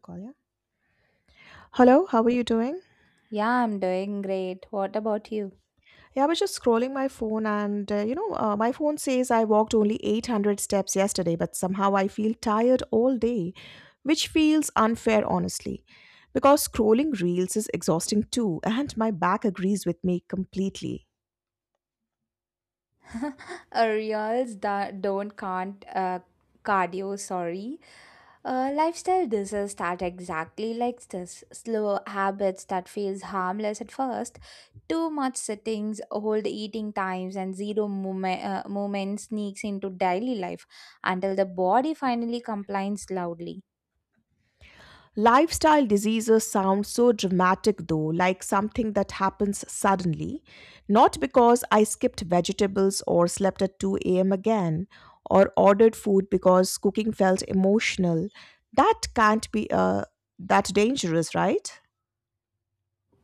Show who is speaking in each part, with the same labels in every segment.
Speaker 1: Call ya? Hello, how are you doing?
Speaker 2: Yeah, I'm doing great. What about you?
Speaker 1: Yeah, I was just scrolling my phone, and my phone says I walked only 800 steps yesterday, but somehow I feel tired all day, which feels unfair, honestly, because scrolling reels is exhausting too, and my back agrees with me completely.
Speaker 2: Reels that don't can't cardio, sorry. Lifestyle diseases start exactly like this. Slow habits that feels harmless at first. Too much sittings, old eating times, and zero movement, movement sneaks into daily life until the body finally complains loudly.
Speaker 1: Lifestyle diseases sound so dramatic though, like something that happens suddenly. Not because I skipped vegetables or slept at 2 a.m. again or ordered food because cooking felt emotional. That can't be that dangerous, right?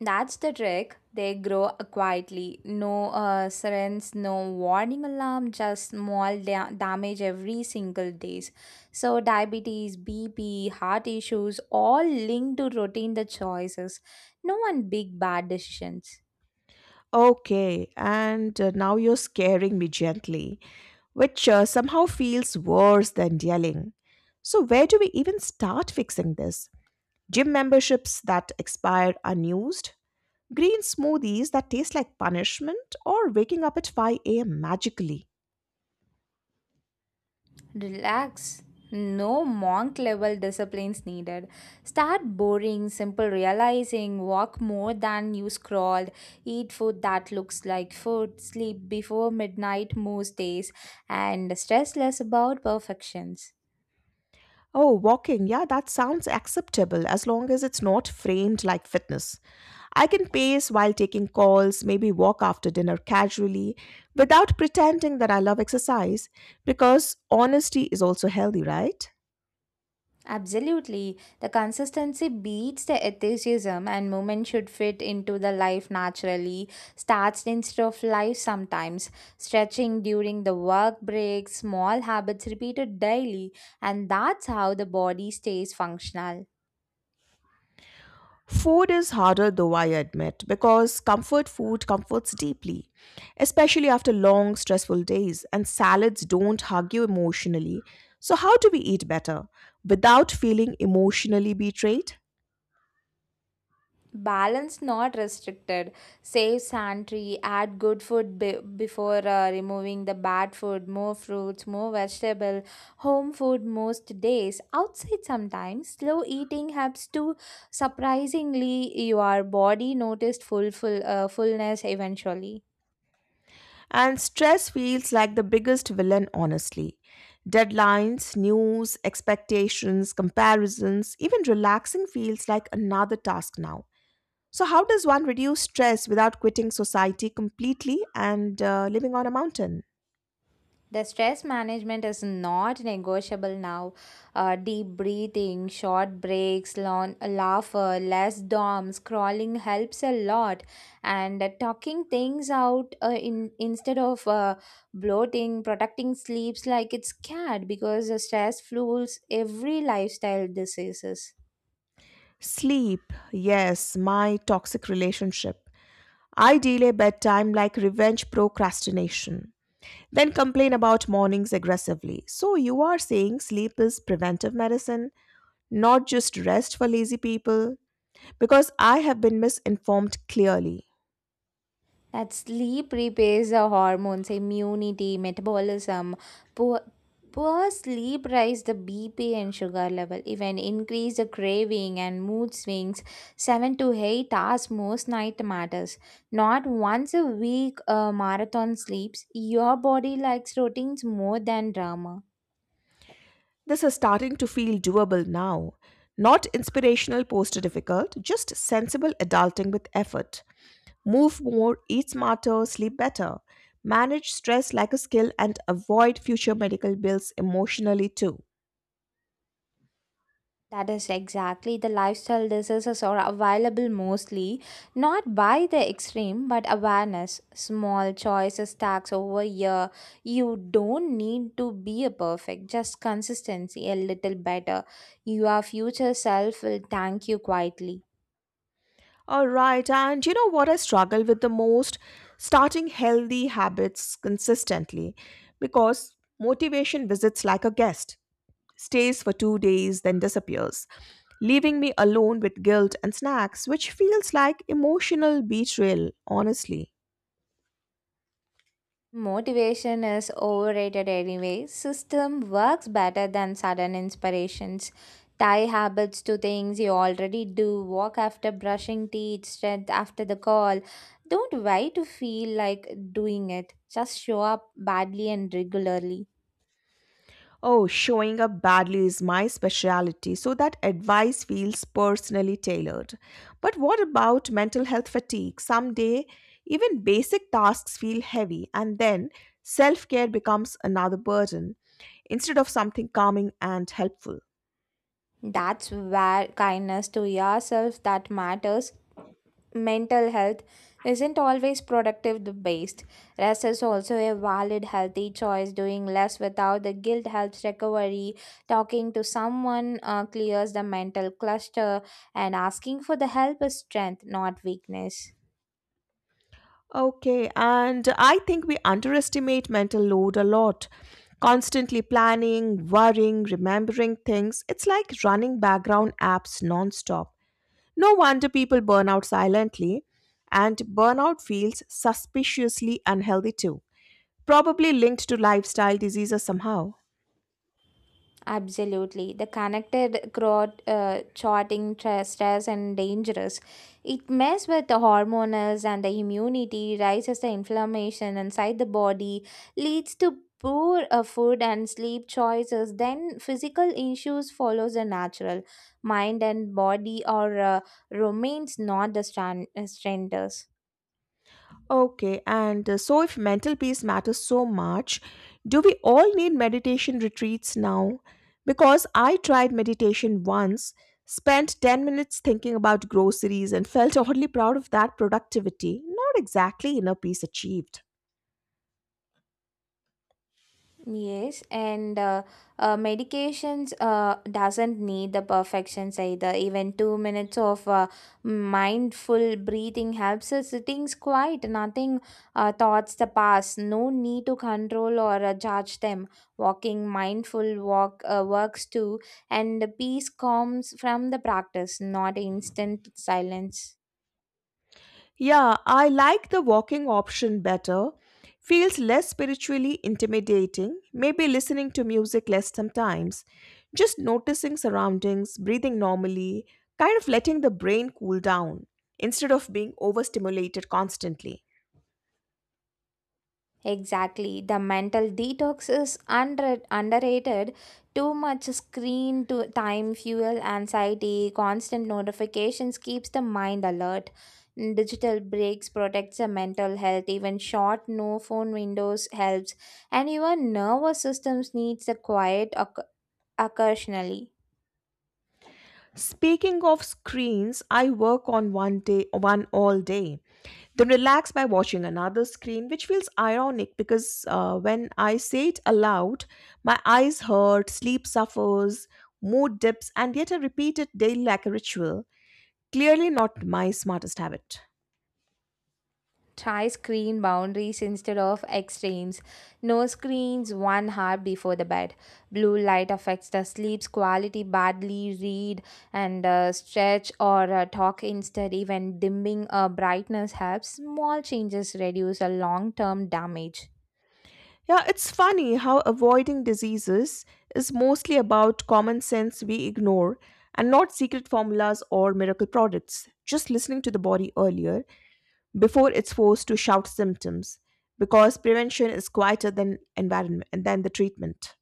Speaker 2: That's the trick. They grow quietly. No sirens, no warning alarm, just small damage every single days. So diabetes, BP, heart issues, all linked to routine the choices. No one big bad decisions.
Speaker 1: Okay, and now you're scaring me gently, which somehow feels worse than yelling. So, where do we even start fixing this? Gym memberships that expire unused, green smoothies that taste like punishment, or waking up at 5 a.m. magically.
Speaker 2: Relax. No monk level disciplines needed. Start boring, simple realizing, walk more than you scrolled, eat food that looks like food, sleep before midnight most days, and stress less about perfections.
Speaker 1: Oh, walking, yeah, that sounds acceptable as long as it's not framed like fitness. I can pace while taking calls, maybe walk after dinner casually, without pretending that I love exercise, because honesty is also healthy, right?
Speaker 2: Absolutely. The consistency beats the aestheticism, and movement should fit into the life naturally. Starts instead of life sometimes. Stretching during the work breaks, small habits repeated daily, and that's how the body stays functional.
Speaker 1: Food is harder though, I admit, because comfort food comforts deeply, especially after long, stressful days, and salads don't hug you emotionally. So, how do we eat better without feeling emotionally betrayed?
Speaker 2: Balance not restricted, save santry add good food before removing the bad food, more fruits, more vegetable, home food most days, outside sometimes, slow eating helps to surprisingly your body noticed full fullness eventually.
Speaker 1: And stress feels like the biggest villain, honestly. Deadlines, news, expectations, comparisons, even relaxing feels like another task now. So, how does one reduce stress without quitting society completely and living on a mountain?
Speaker 2: The stress management is not negotiable now. Deep breathing, short breaks, laughter, less dom, scrolling helps a lot. And talking things out in instead of bloating, protecting sleeps like it's cat because the stress fuels every lifestyle diseases.
Speaker 1: Sleep, yes, my toxic relationship. I delay bedtime like revenge procrastination. Then complain about mornings aggressively. So, you are saying sleep is preventive medicine, not just rest for lazy people? Because I have been misinformed clearly.
Speaker 2: That sleep repairs the hormones, immunity, metabolism. Poor, poor sleep rise the BP and sugar level, even increase the craving and mood swings. 7 to 8 hours most night matters. Not once a week marathon sleeps. Your body likes routines more than drama.
Speaker 1: This is starting to feel doable now. Not inspirational poster difficult, just sensible adulting with effort. Move more, eat smarter, sleep better. Manage stress like a skill and avoid future medical bills emotionally too.
Speaker 2: That is exactly the lifestyle diseases are available mostly, not by the extreme, but awareness. Small choices stacks over year. You don't need to be a perfect, just consistency a little better. Your future self will thank you quietly.
Speaker 1: All right, and you know what I struggle with the most? Starting healthy habits consistently, because motivation visits like a guest, stays for 2 days, then disappears, leaving me alone with guilt and snacks, which feels like emotional betrayal, honestly.
Speaker 2: Motivation is overrated anyway. System works better than sudden inspirations. Tie habits to things you already do. Walk after brushing teeth, strength after the call. Don't wait to feel like doing it. Just show up badly and regularly.
Speaker 1: Oh, showing up badly is my specialty, so that advice feels personally tailored. But what about mental health fatigue? Someday, even basic tasks feel heavy, and then self care becomes another burden instead of something calming and helpful.
Speaker 2: That's where kindness to yourself that matters. Mental health isn't always productive based. Rest is also a valid healthy choice. Doing less without the guilt helps recovery. Talking to someone clears the mental cluster, and asking for the help is strength, not weakness.
Speaker 1: Okay, and I think we underestimate mental load a lot. Constantly planning, worrying, remembering things. It's like running background apps nonstop. No wonder people burn out silently, and burnout feels suspiciously unhealthy too, probably linked to lifestyle diseases somehow.
Speaker 2: Absolutely. The connected crowd charting stress and dangerous. It mess with the hormones and the immunity, raises the inflammation inside the body, leads to poor food and sleep choices. Then physical issues follows the natural. Mind and body are remains not the strangers.
Speaker 1: Okay, and so if mental peace matters so much, do we all need meditation retreats now? Because I tried meditation once, spent 10 minutes thinking about groceries, and felt oddly proud of that productivity. Not exactly inner peace achieved.
Speaker 2: Yes, and medications doesn't need the perfections either. Even 2 minutes of mindful breathing helps us sitting quiet. Nothing thoughts the past. No need to control or judge them. Walking mindful walk works too, and the peace comes from the practice, not instant silence.
Speaker 1: Yeah, I like the walking option better. Feels less spiritually intimidating, maybe listening to music less sometimes. Just noticing surroundings, breathing normally, kind of letting the brain cool down instead of being overstimulated constantly.
Speaker 2: Exactly. The mental detox is underrated. Too much screen to time fuel anxiety, constant notifications keeps the mind alert. Digital breaks protects the mental health, even short no phone windows helps, and your nervous systems needs a quiet occasionally.
Speaker 1: Speaking of screens, I work on one day, one all day, then relax by watching another screen, which feels ironic because when I say it aloud, my eyes hurt, sleep suffers, mood dips, and yet I repeat it daily like a ritual. Clearly, not my smartest habit.
Speaker 2: Try screen boundaries instead of extremes. No screens 1 hour before the bed. Blue light affects the sleep's quality badly. Read and stretch or talk instead. Even dimming brightness helps. Small changes reduce a long term damage.
Speaker 1: Yeah, it's funny how avoiding diseases is mostly about common sense we ignore and not secret formulas or miracle products. Just listening to the body earlier before it's forced to shout symptoms, because prevention is quieter than environment than the treatment.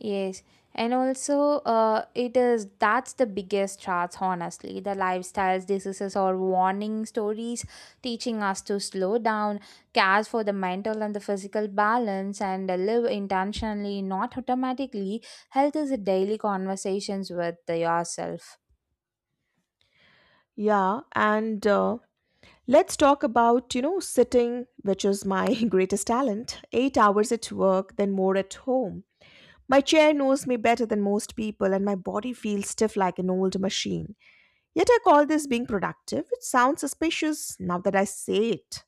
Speaker 2: Yes, and also it is that's the biggest threats, honestly. The lifestyles, diseases, or warning stories teaching us to slow down, care for the mental and the physical balance, and live intentionally, not automatically. Health is a daily conversations with yourself.
Speaker 1: Yeah, and let's talk about sitting, which is my greatest talent. 8 hours at work, then more at home. My chair knows me better than most people, and my body feels stiff like an old machine, yet I call this being productive. It sounds suspicious now that I say it.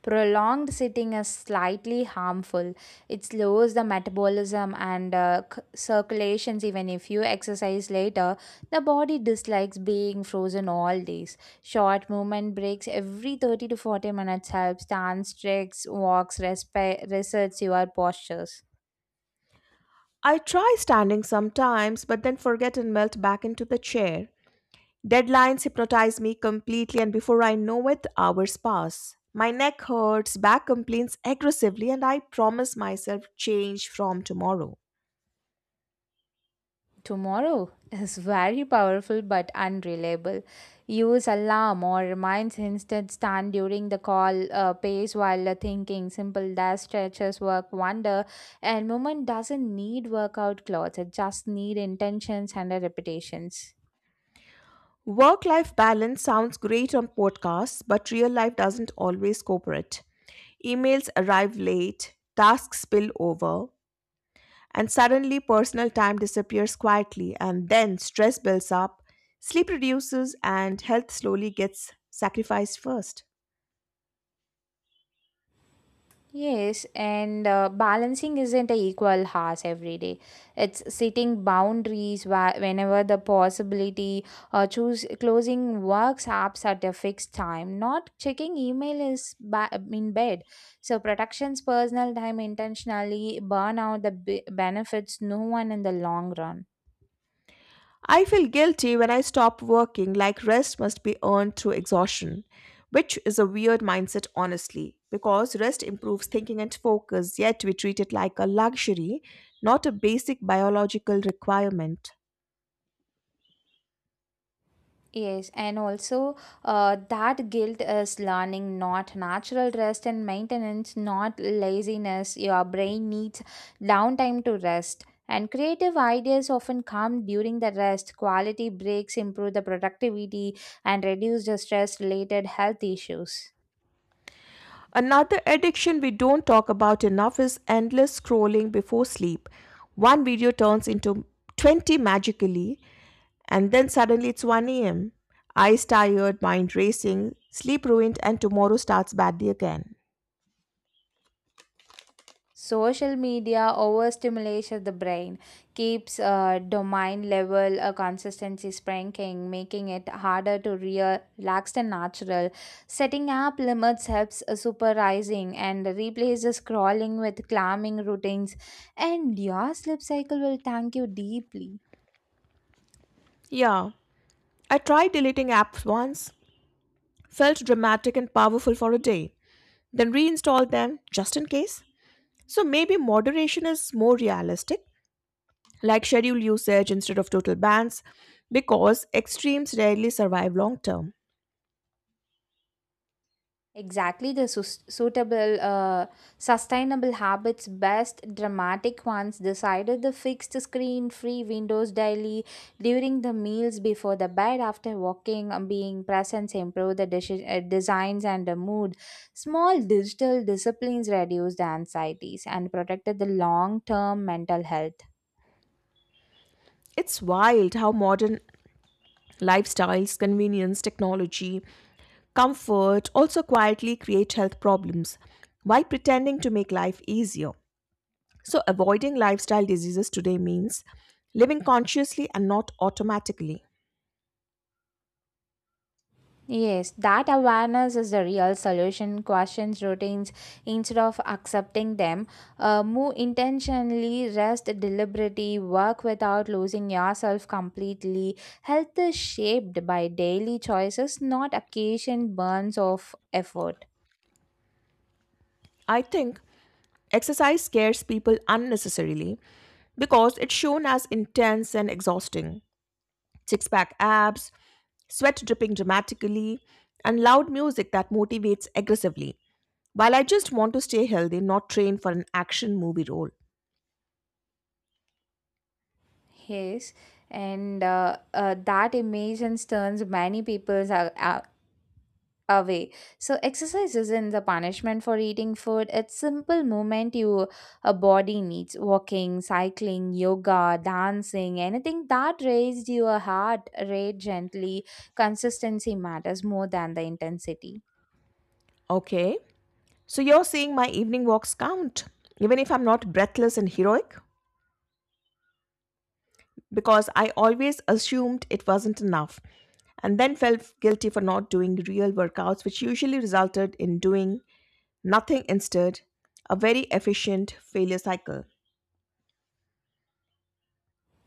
Speaker 2: Prolonged sitting is slightly harmful. It slows the metabolism and circulations. Even if you exercise later, the body dislikes being frozen all days. Short movement breaks every 30 to 40 minutes helps. Stand, stretch, walks, resets your postures.
Speaker 1: I try standing sometimes, but then forget and melt back into the chair. Deadlines hypnotize me completely, and before I know it, hours pass. My neck hurts, back complains aggressively, and I promise myself change from tomorrow.
Speaker 2: Tomorrow is very powerful but unreliable. Use alarm or reminds instead stand during the call pace while thinking. Simple dash stretches work wonder and movement doesn't need workout clothes. It just need intentions and repetitions.
Speaker 1: Work life balance sounds great on podcasts, but real life doesn't always cooperate. Emails arrive late, tasks spill over, and suddenly personal time disappears quietly, and then stress builds up, sleep reduces, and health slowly gets sacrificed first.
Speaker 2: Yes, and balancing isn't a equal hours every day. It's setting boundaries whenever the possibility, choose closing works apps at a fixed time, not checking email is in bed. So protections personal time intentionally burn out the benefits no one in the long run.
Speaker 1: I feel guilty when I stop working, like rest must be earned through exhaustion, which is a weird mindset, honestly, because rest improves thinking and focus, yet we treat it like a luxury, not a basic biological requirement.
Speaker 2: Yes, and also that guilt is learning, not natural rest and maintenance, not laziness. Your brain needs downtime to rest. And creative ideas often come during the rest. Quality breaks improve the productivity and reduce the stress related health issues.
Speaker 1: Another addiction we don't talk about enough is endless scrolling before sleep. One video turns into 20 magically, and then suddenly it's 1 a.m. Eyes tired, mind racing, sleep ruined, and tomorrow starts badly again.
Speaker 2: Social media overstimulation of the brain keeps domain level consistency shrinking, making it harder to real, relaxed and natural. Setting up limits helps supervising and replaces scrolling with calming routines, and your sleep cycle will thank you deeply.
Speaker 1: Yeah, I tried deleting apps once, felt dramatic and powerful for a day, then reinstalled them just in case. So maybe moderation is more realistic, like scheduled usage instead of total bans, because extremes rarely survive long term.
Speaker 2: Exactly, the sustainable habits, best dramatic ones, decided the fixed screen free windows daily, during the meals, before the bed, after walking, being present, improve the designs and the mood. Small digital disciplines reduced the anxieties and protected the long term mental health.
Speaker 1: It's wild how modern lifestyles, convenience, technology, comfort also quietly create health problems while pretending to make life easier. So, avoiding lifestyle diseases today means living consciously and not automatically.
Speaker 2: Yes, that awareness is the real solution. Questions routines instead of accepting them. Move intentionally, rest deliberately, work without losing yourself completely. Health is shaped by daily choices, not occasion burns of effort.
Speaker 1: I think exercise scares people unnecessarily because it's shown as intense and exhausting. Six pack abs, sweat dripping dramatically, and loud music that motivates aggressively. While I just want to stay healthy, not train for an action movie role.
Speaker 2: Yes, and that image turns many people's away. So exercise isn't the punishment for eating food. It's simple movement you a body needs. Walking, cycling, yoga, dancing, anything that raises your heart rate gently. Consistency matters more than the intensity.
Speaker 1: Okay, so you're saying my evening walks count, even if I'm not breathless and heroic? Because I always assumed it wasn't enough, and then felt guilty for not doing real workouts, which usually resulted in doing nothing instead, a very efficient failure cycle.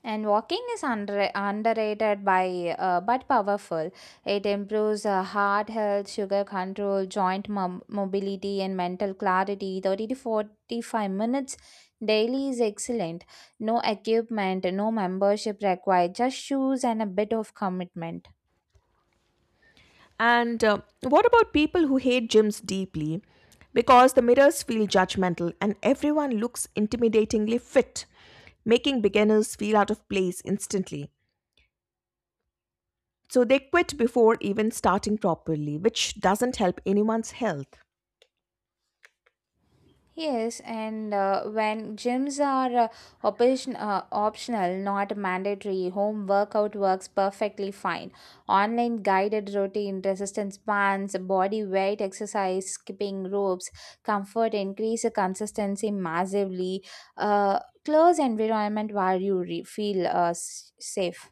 Speaker 2: And walking is underrated by but powerful. It improves heart health, sugar control, joint mobility, and mental clarity. 30 to 45 minutes daily is excellent. No equipment, no membership required, just shoes and a bit of commitment.
Speaker 1: And what about people who hate gyms deeply, because the mirrors feel judgmental and everyone looks intimidatingly fit, making beginners feel out of place instantly? So they quit before even starting properly, which doesn't help anyone's health.
Speaker 2: Yes, and when gyms are optional, not mandatory, home workout works perfectly fine. Online guided routine, resistance bands, body weight exercise, skipping ropes, comfort increase the consistency massively. Close environment where you feel safe.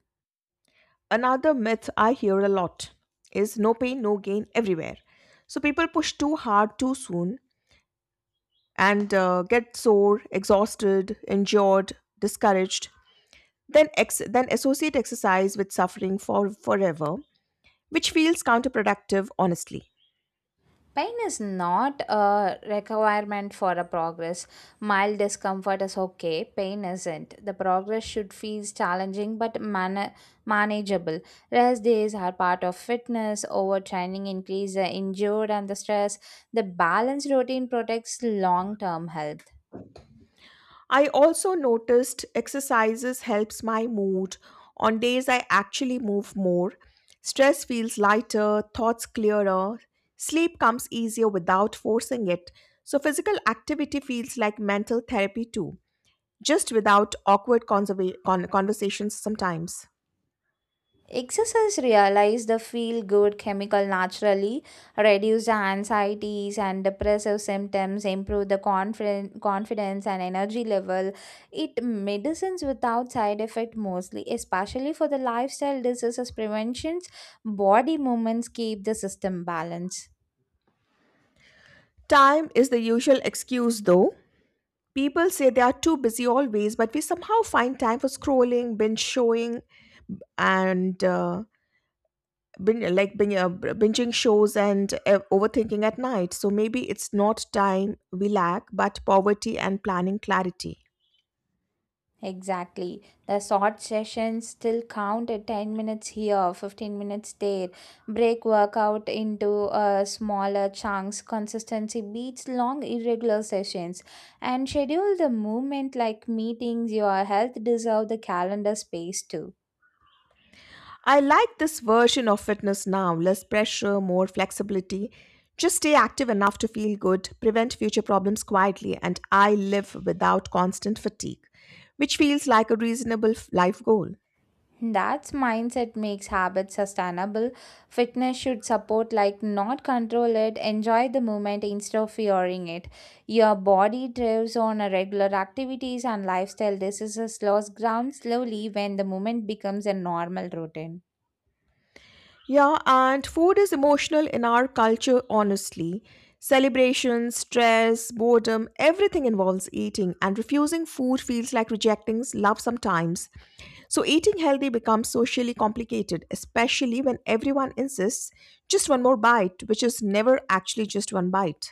Speaker 1: Another myth I hear a lot is no pain, no gain everywhere. So people push too hard too soon and get sore, exhausted, injured, discouraged, then associate exercise with suffering for forever, which feels counterproductive, honestly.
Speaker 2: Pain is not a requirement for a progress. Mild discomfort is okay, pain isn't. The progress should feel challenging but manageable. Rest days are part of fitness, overtraining increases the injured and the stress. The balanced routine protects long term health.
Speaker 1: I also noticed exercises helps my mood. On days I actually move more, stress feels lighter, thoughts clearer, sleep comes easier without forcing it. So physical activity feels like mental therapy too, just without awkward conversations sometimes.
Speaker 2: Exercise realize the feel good chemical naturally, reduce the anxieties and depressive symptoms, improve the confidence and energy level. It medicines without side effect mostly, especially for the lifestyle diseases preventions. Body movements keep the system balance.
Speaker 1: Time is the usual excuse though. People say they are too busy always, but we somehow find time for scrolling, binge showing, and binging shows and overthinking at night. So maybe it's not time we lack, but poverty and planning clarity.
Speaker 2: Exactly. The short sessions still count at 10 minutes here, 15 minutes there. Break workout into smaller chunks. Consistency beats long, irregular sessions. And schedule the movement like meetings. Your health deserve the calendar space too.
Speaker 1: I like this version of fitness now. Less pressure, more flexibility. Just stay active enough to feel good, prevent future problems quietly, and I live without constant fatigue, which feels like a reasonable life goal.
Speaker 2: That's mindset makes habits sustainable. Fitness should support, like, not control it. Enjoy the movement instead of fearing it. Your body thrives on a regular activities and lifestyle. This is a ground slowly when the movement becomes a normal routine.
Speaker 1: Yeah, and food is emotional in our culture, honestly. Celebrations, stress, boredom, everything involves eating, and refusing food feels like rejecting love sometimes. So, eating healthy becomes socially complicated, especially when everyone insists just one more bite, which is never actually just one bite.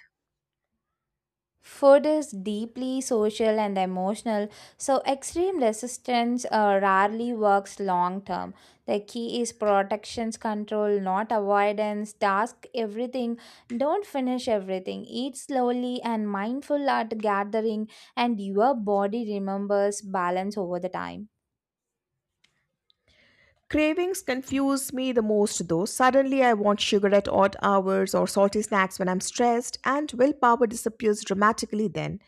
Speaker 2: Food is deeply social and emotional, so extreme resistance rarely works long term. The key is protections control, not avoidance. Task everything, don't finish everything. Eat slowly and mindful at gathering, and your body remembers balance over the time.
Speaker 1: Cravings confuse me the most though. Suddenly, I want sugar at odd hours or salty snacks when I'm stressed, and willpower disappears dramatically then.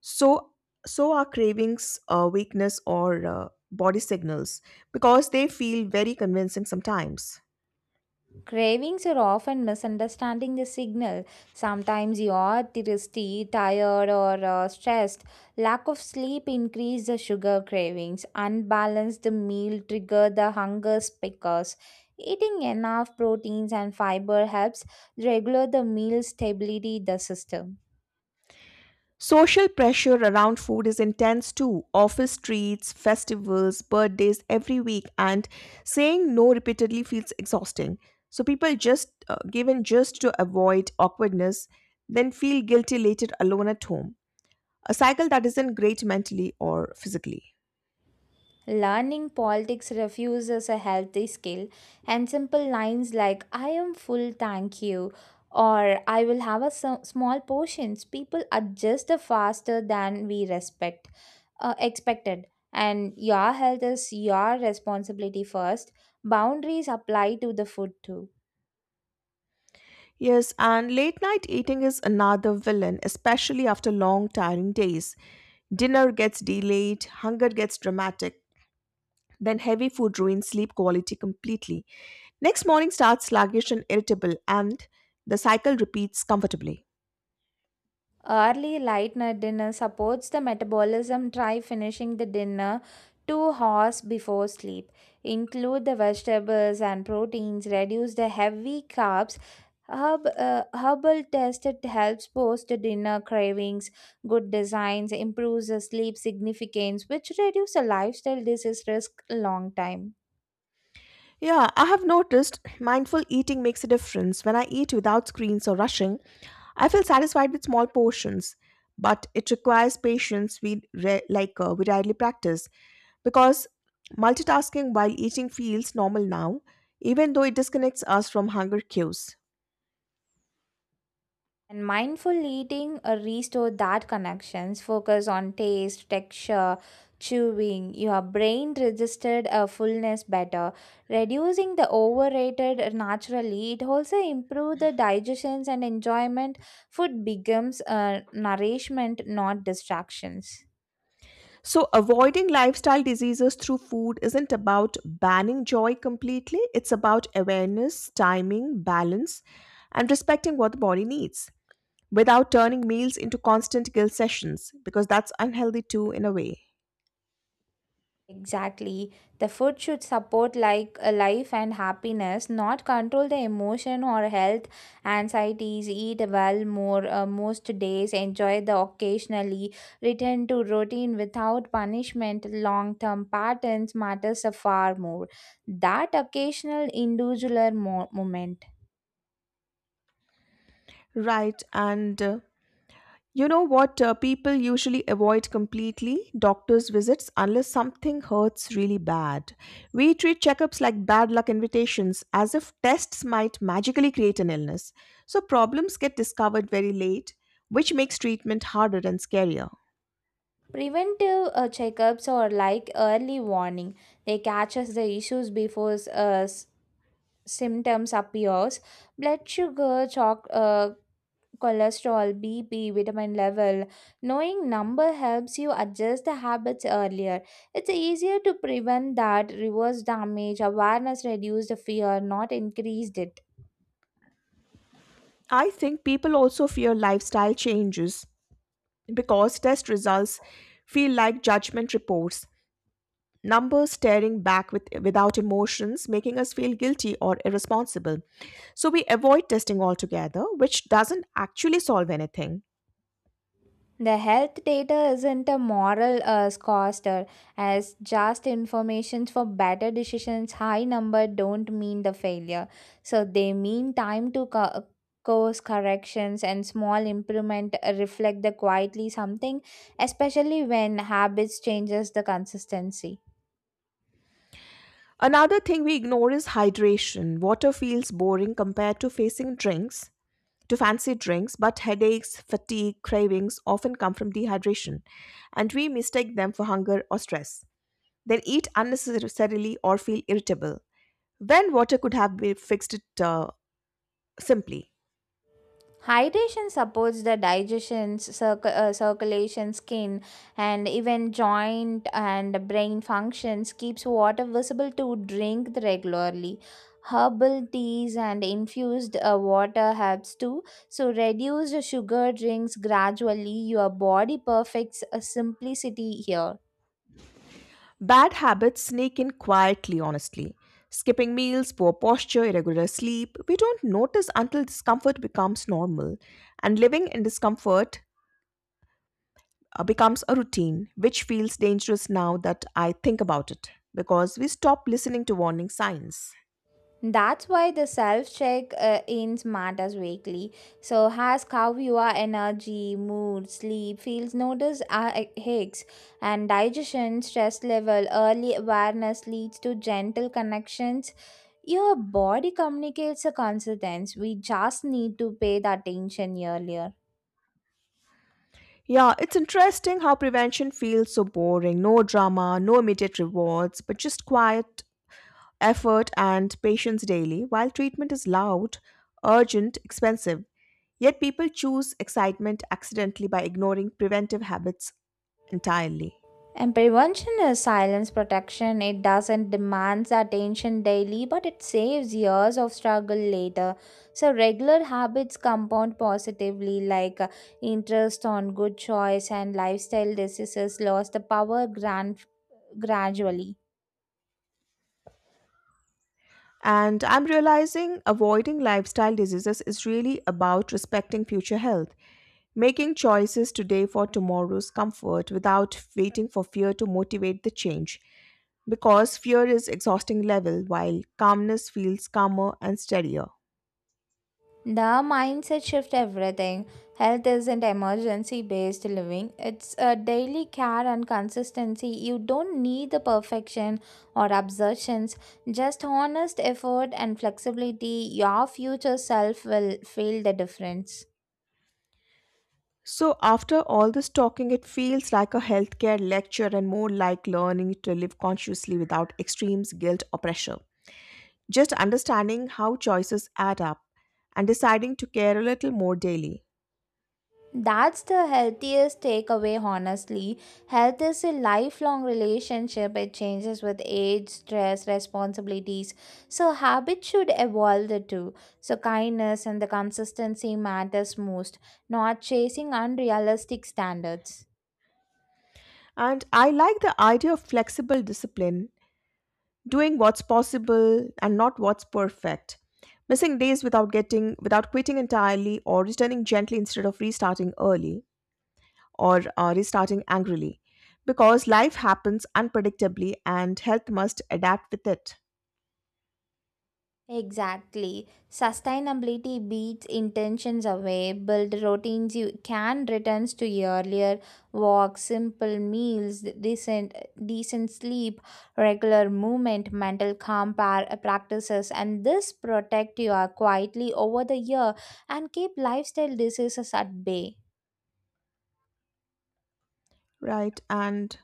Speaker 1: so so are cravings weakness or body signals, because they feel very convincing sometimes.
Speaker 2: Cravings are often misunderstanding the signal. Sometimes you are thirsty, tired, or stressed. Lack of sleep increase the sugar cravings. Unbalanced meal trigger the hunger spikes. Eating enough proteins and fiber helps regulate the meal stability the system.
Speaker 1: Social pressure around food is intense too. Office treats, festivals, birthdays every week, and saying no repeatedly feels exhausting, so people just given just to avoid awkwardness, then feel guilty later alone at home, a cycle that isn't great mentally or physically.
Speaker 2: Learning politics refuses a healthy skill, and simple lines like I am full, thank you, or I will have a small portions, people adjust faster than we respect, expected. And your health is your responsibility first. Boundaries apply to the food too.
Speaker 1: Yes, and late night eating is another villain, especially after long, tiring days. Dinner gets delayed, hunger gets dramatic, then heavy food ruins sleep quality completely. Next morning starts sluggish and irritable, and the cycle repeats comfortably.
Speaker 2: Early late night dinner supports the metabolism. Try finishing the dinner 2 hours before sleep. Include the vegetables and proteins. Reduce the heavy carbs. Herbal test it helps post dinner cravings. Good designs improves the sleep significance, which reduce the lifestyle disease risk long time.
Speaker 1: Yeah, I have noticed mindful eating makes a difference. When I eat without screens or rushing, I feel satisfied with small portions, but it requires patience we re- like we rarely practice, because multitasking while eating feels normal now, even though it disconnects us from hunger cues.
Speaker 2: And mindful eating restore that connections. Focus on taste, texture, chewing. Your brain registered a fullness better, reducing the overrated naturally. It also improve the digestions and enjoyment. Food becomes nourishment, not distractions.
Speaker 1: So, avoiding lifestyle diseases through food isn't about banning joy completely, it's about awareness, timing, balance, and respecting what the body needs, without turning meals into constant guilt sessions, because that's unhealthy too in a way.
Speaker 2: Exactly. The food should support like a life and happiness, not control the emotion or health anxieties. Eat well more most days, enjoy the occasionally, return to routine without punishment. Long-term patterns matters a far more. That occasional individual moment.
Speaker 1: Right, and you know what, people usually avoid completely doctors visits unless something hurts really bad. We treat checkups like bad luck invitations, as if tests might magically create an illness, so problems get discovered very late, which makes treatment harder and scarier.
Speaker 2: Preventive checkups or like early warning, they catches the issues before symptoms appears, blood sugar cholesterol, BP, vitamin level, knowing number helps you adjust the habits earlier. It's easier to prevent that reverse damage. Awareness reduce the fear, not increased it.
Speaker 1: I think people also fear lifestyle changes because test results feel like judgment reports, numbers staring back without emotions, making us feel guilty or irresponsible. So we avoid testing altogether, which doesn't actually solve anything.
Speaker 2: The health data isn't a moral scoster as just information for better decisions. High number don't mean the failure, so they mean time to course corrections and small improvement reflect the quietly something, especially when habits changes the consistency.
Speaker 1: Another thing we ignore is hydration. Water feels boring compared to fancy drinks, but headaches, fatigue, cravings often come from dehydration, and we mistake them for hunger or stress. They'll eat unnecessarily or feel irritable when water could have been fixed it simply.
Speaker 2: Hydration supports the digestion, circulation, skin, and even joint and brain functions, keeps water visible to drink regularly. Herbal teas and infused water helps too. So reduce the sugar drinks gradually. Your body perfects a simplicity here.
Speaker 1: Bad habits sneak in quietly, honestly. Skipping meals, poor posture, irregular sleep, we don't notice until discomfort becomes normal. And living in discomfort becomes a routine, which feels dangerous now that I think about it, because we stop listening to warning signs.
Speaker 2: That's why the self check ins matters weekly. So ask how your energy, mood, sleep feels. Notice aches and digestion, stress level. Early awareness leads to gentle connections. Your body communicates a consequence. We just need to pay the attention earlier.
Speaker 1: Yeah, it's interesting how prevention feels so boring. No drama, no immediate rewards, but just quiet effort, and patience daily, while treatment is loud, urgent, expensive. Yet people choose excitement accidentally by ignoring preventive habits entirely.
Speaker 2: And prevention is silence protection. It doesn't demand attention daily, but it saves years of struggle later. So regular habits compound positively, like interest on good choice and lifestyle diseases lost the power gradually.
Speaker 1: And I'm realizing avoiding lifestyle diseases is really about respecting future health, making choices today for tomorrow's comfort without waiting for fear to motivate the change. Because fear is exhausting level, while calmness feels calmer and steadier.
Speaker 2: The mindset shift everything. Health isn't emergency based living. It's a daily care and consistency. You don't need the perfection or assertions. Just honest effort and flexibility. Your future self will feel the difference.
Speaker 1: So, after all this talking, it feels like a healthcare lecture and more like learning to live consciously without extremes, guilt, or pressure. Just understanding how choices add up and deciding to care a little more daily.
Speaker 2: That's the healthiest takeaway, honestly. Health is a lifelong relationship, it changes with age, stress, responsibilities. So, habits should evolve the two. So, kindness and the consistency matters most, not chasing unrealistic standards.
Speaker 1: And I like the idea of flexible discipline, doing what's possible and not what's perfect. Missing days without quitting entirely, or returning gently instead of restarting early, or restarting angrily, because life happens unpredictably and health must adapt with it.
Speaker 2: Exactly. Sustainability beats intentions away. Build routines you can return to earlier walks, simple meals, decent sleep, regular movement, mental calm practices, and this protect you quietly over the year and keep lifestyle diseases at bay.
Speaker 1: Right. And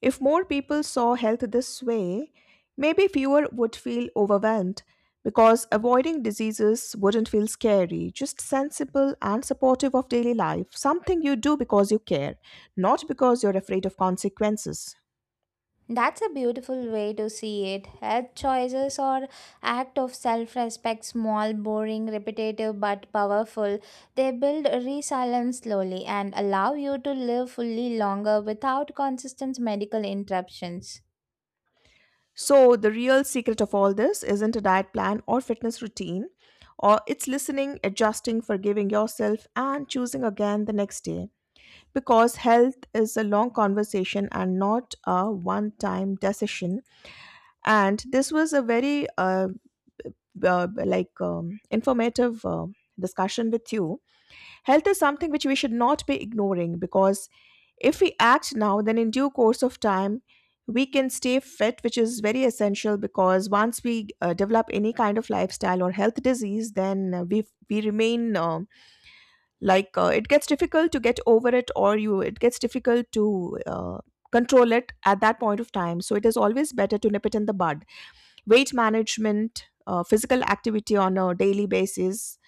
Speaker 1: if more people saw health this way, maybe fewer would feel overwhelmed, because avoiding diseases wouldn't feel scary, just sensible and supportive of daily life, something you do because you care, not because you're afraid of consequences.
Speaker 2: That's a beautiful way to see it. Health choices or act of self-respect, small, boring, repetitive but powerful. They build resilience slowly and allow you to live fully longer without consistent medical interruptions.
Speaker 1: So, the real secret of all this isn't a diet plan or fitness routine, or it's listening, adjusting, forgiving yourself, and choosing again the next day. Because health is a long conversation and not a one time decision. And this was a very informative discussion with you. Health is something which we should not be ignoring, because if we act now, then in due course of time we can stay fit, which is very essential, because once we develop any kind of lifestyle or health disease, then we remain it gets difficult to get over it, or you it gets difficult to control it at that point of time. So it is always better to nip it in the bud. Weight management, physical activity on a daily basis.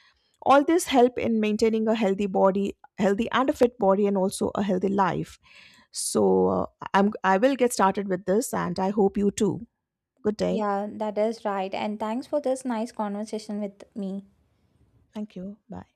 Speaker 1: All this help in maintaining a healthy body, healthy and a fit body, and also a healthy life. So I will get started with this, and I hope you too. Good day.
Speaker 2: Yeah, that is right. And thanks for this nice conversation with me.
Speaker 1: Thank you. Bye.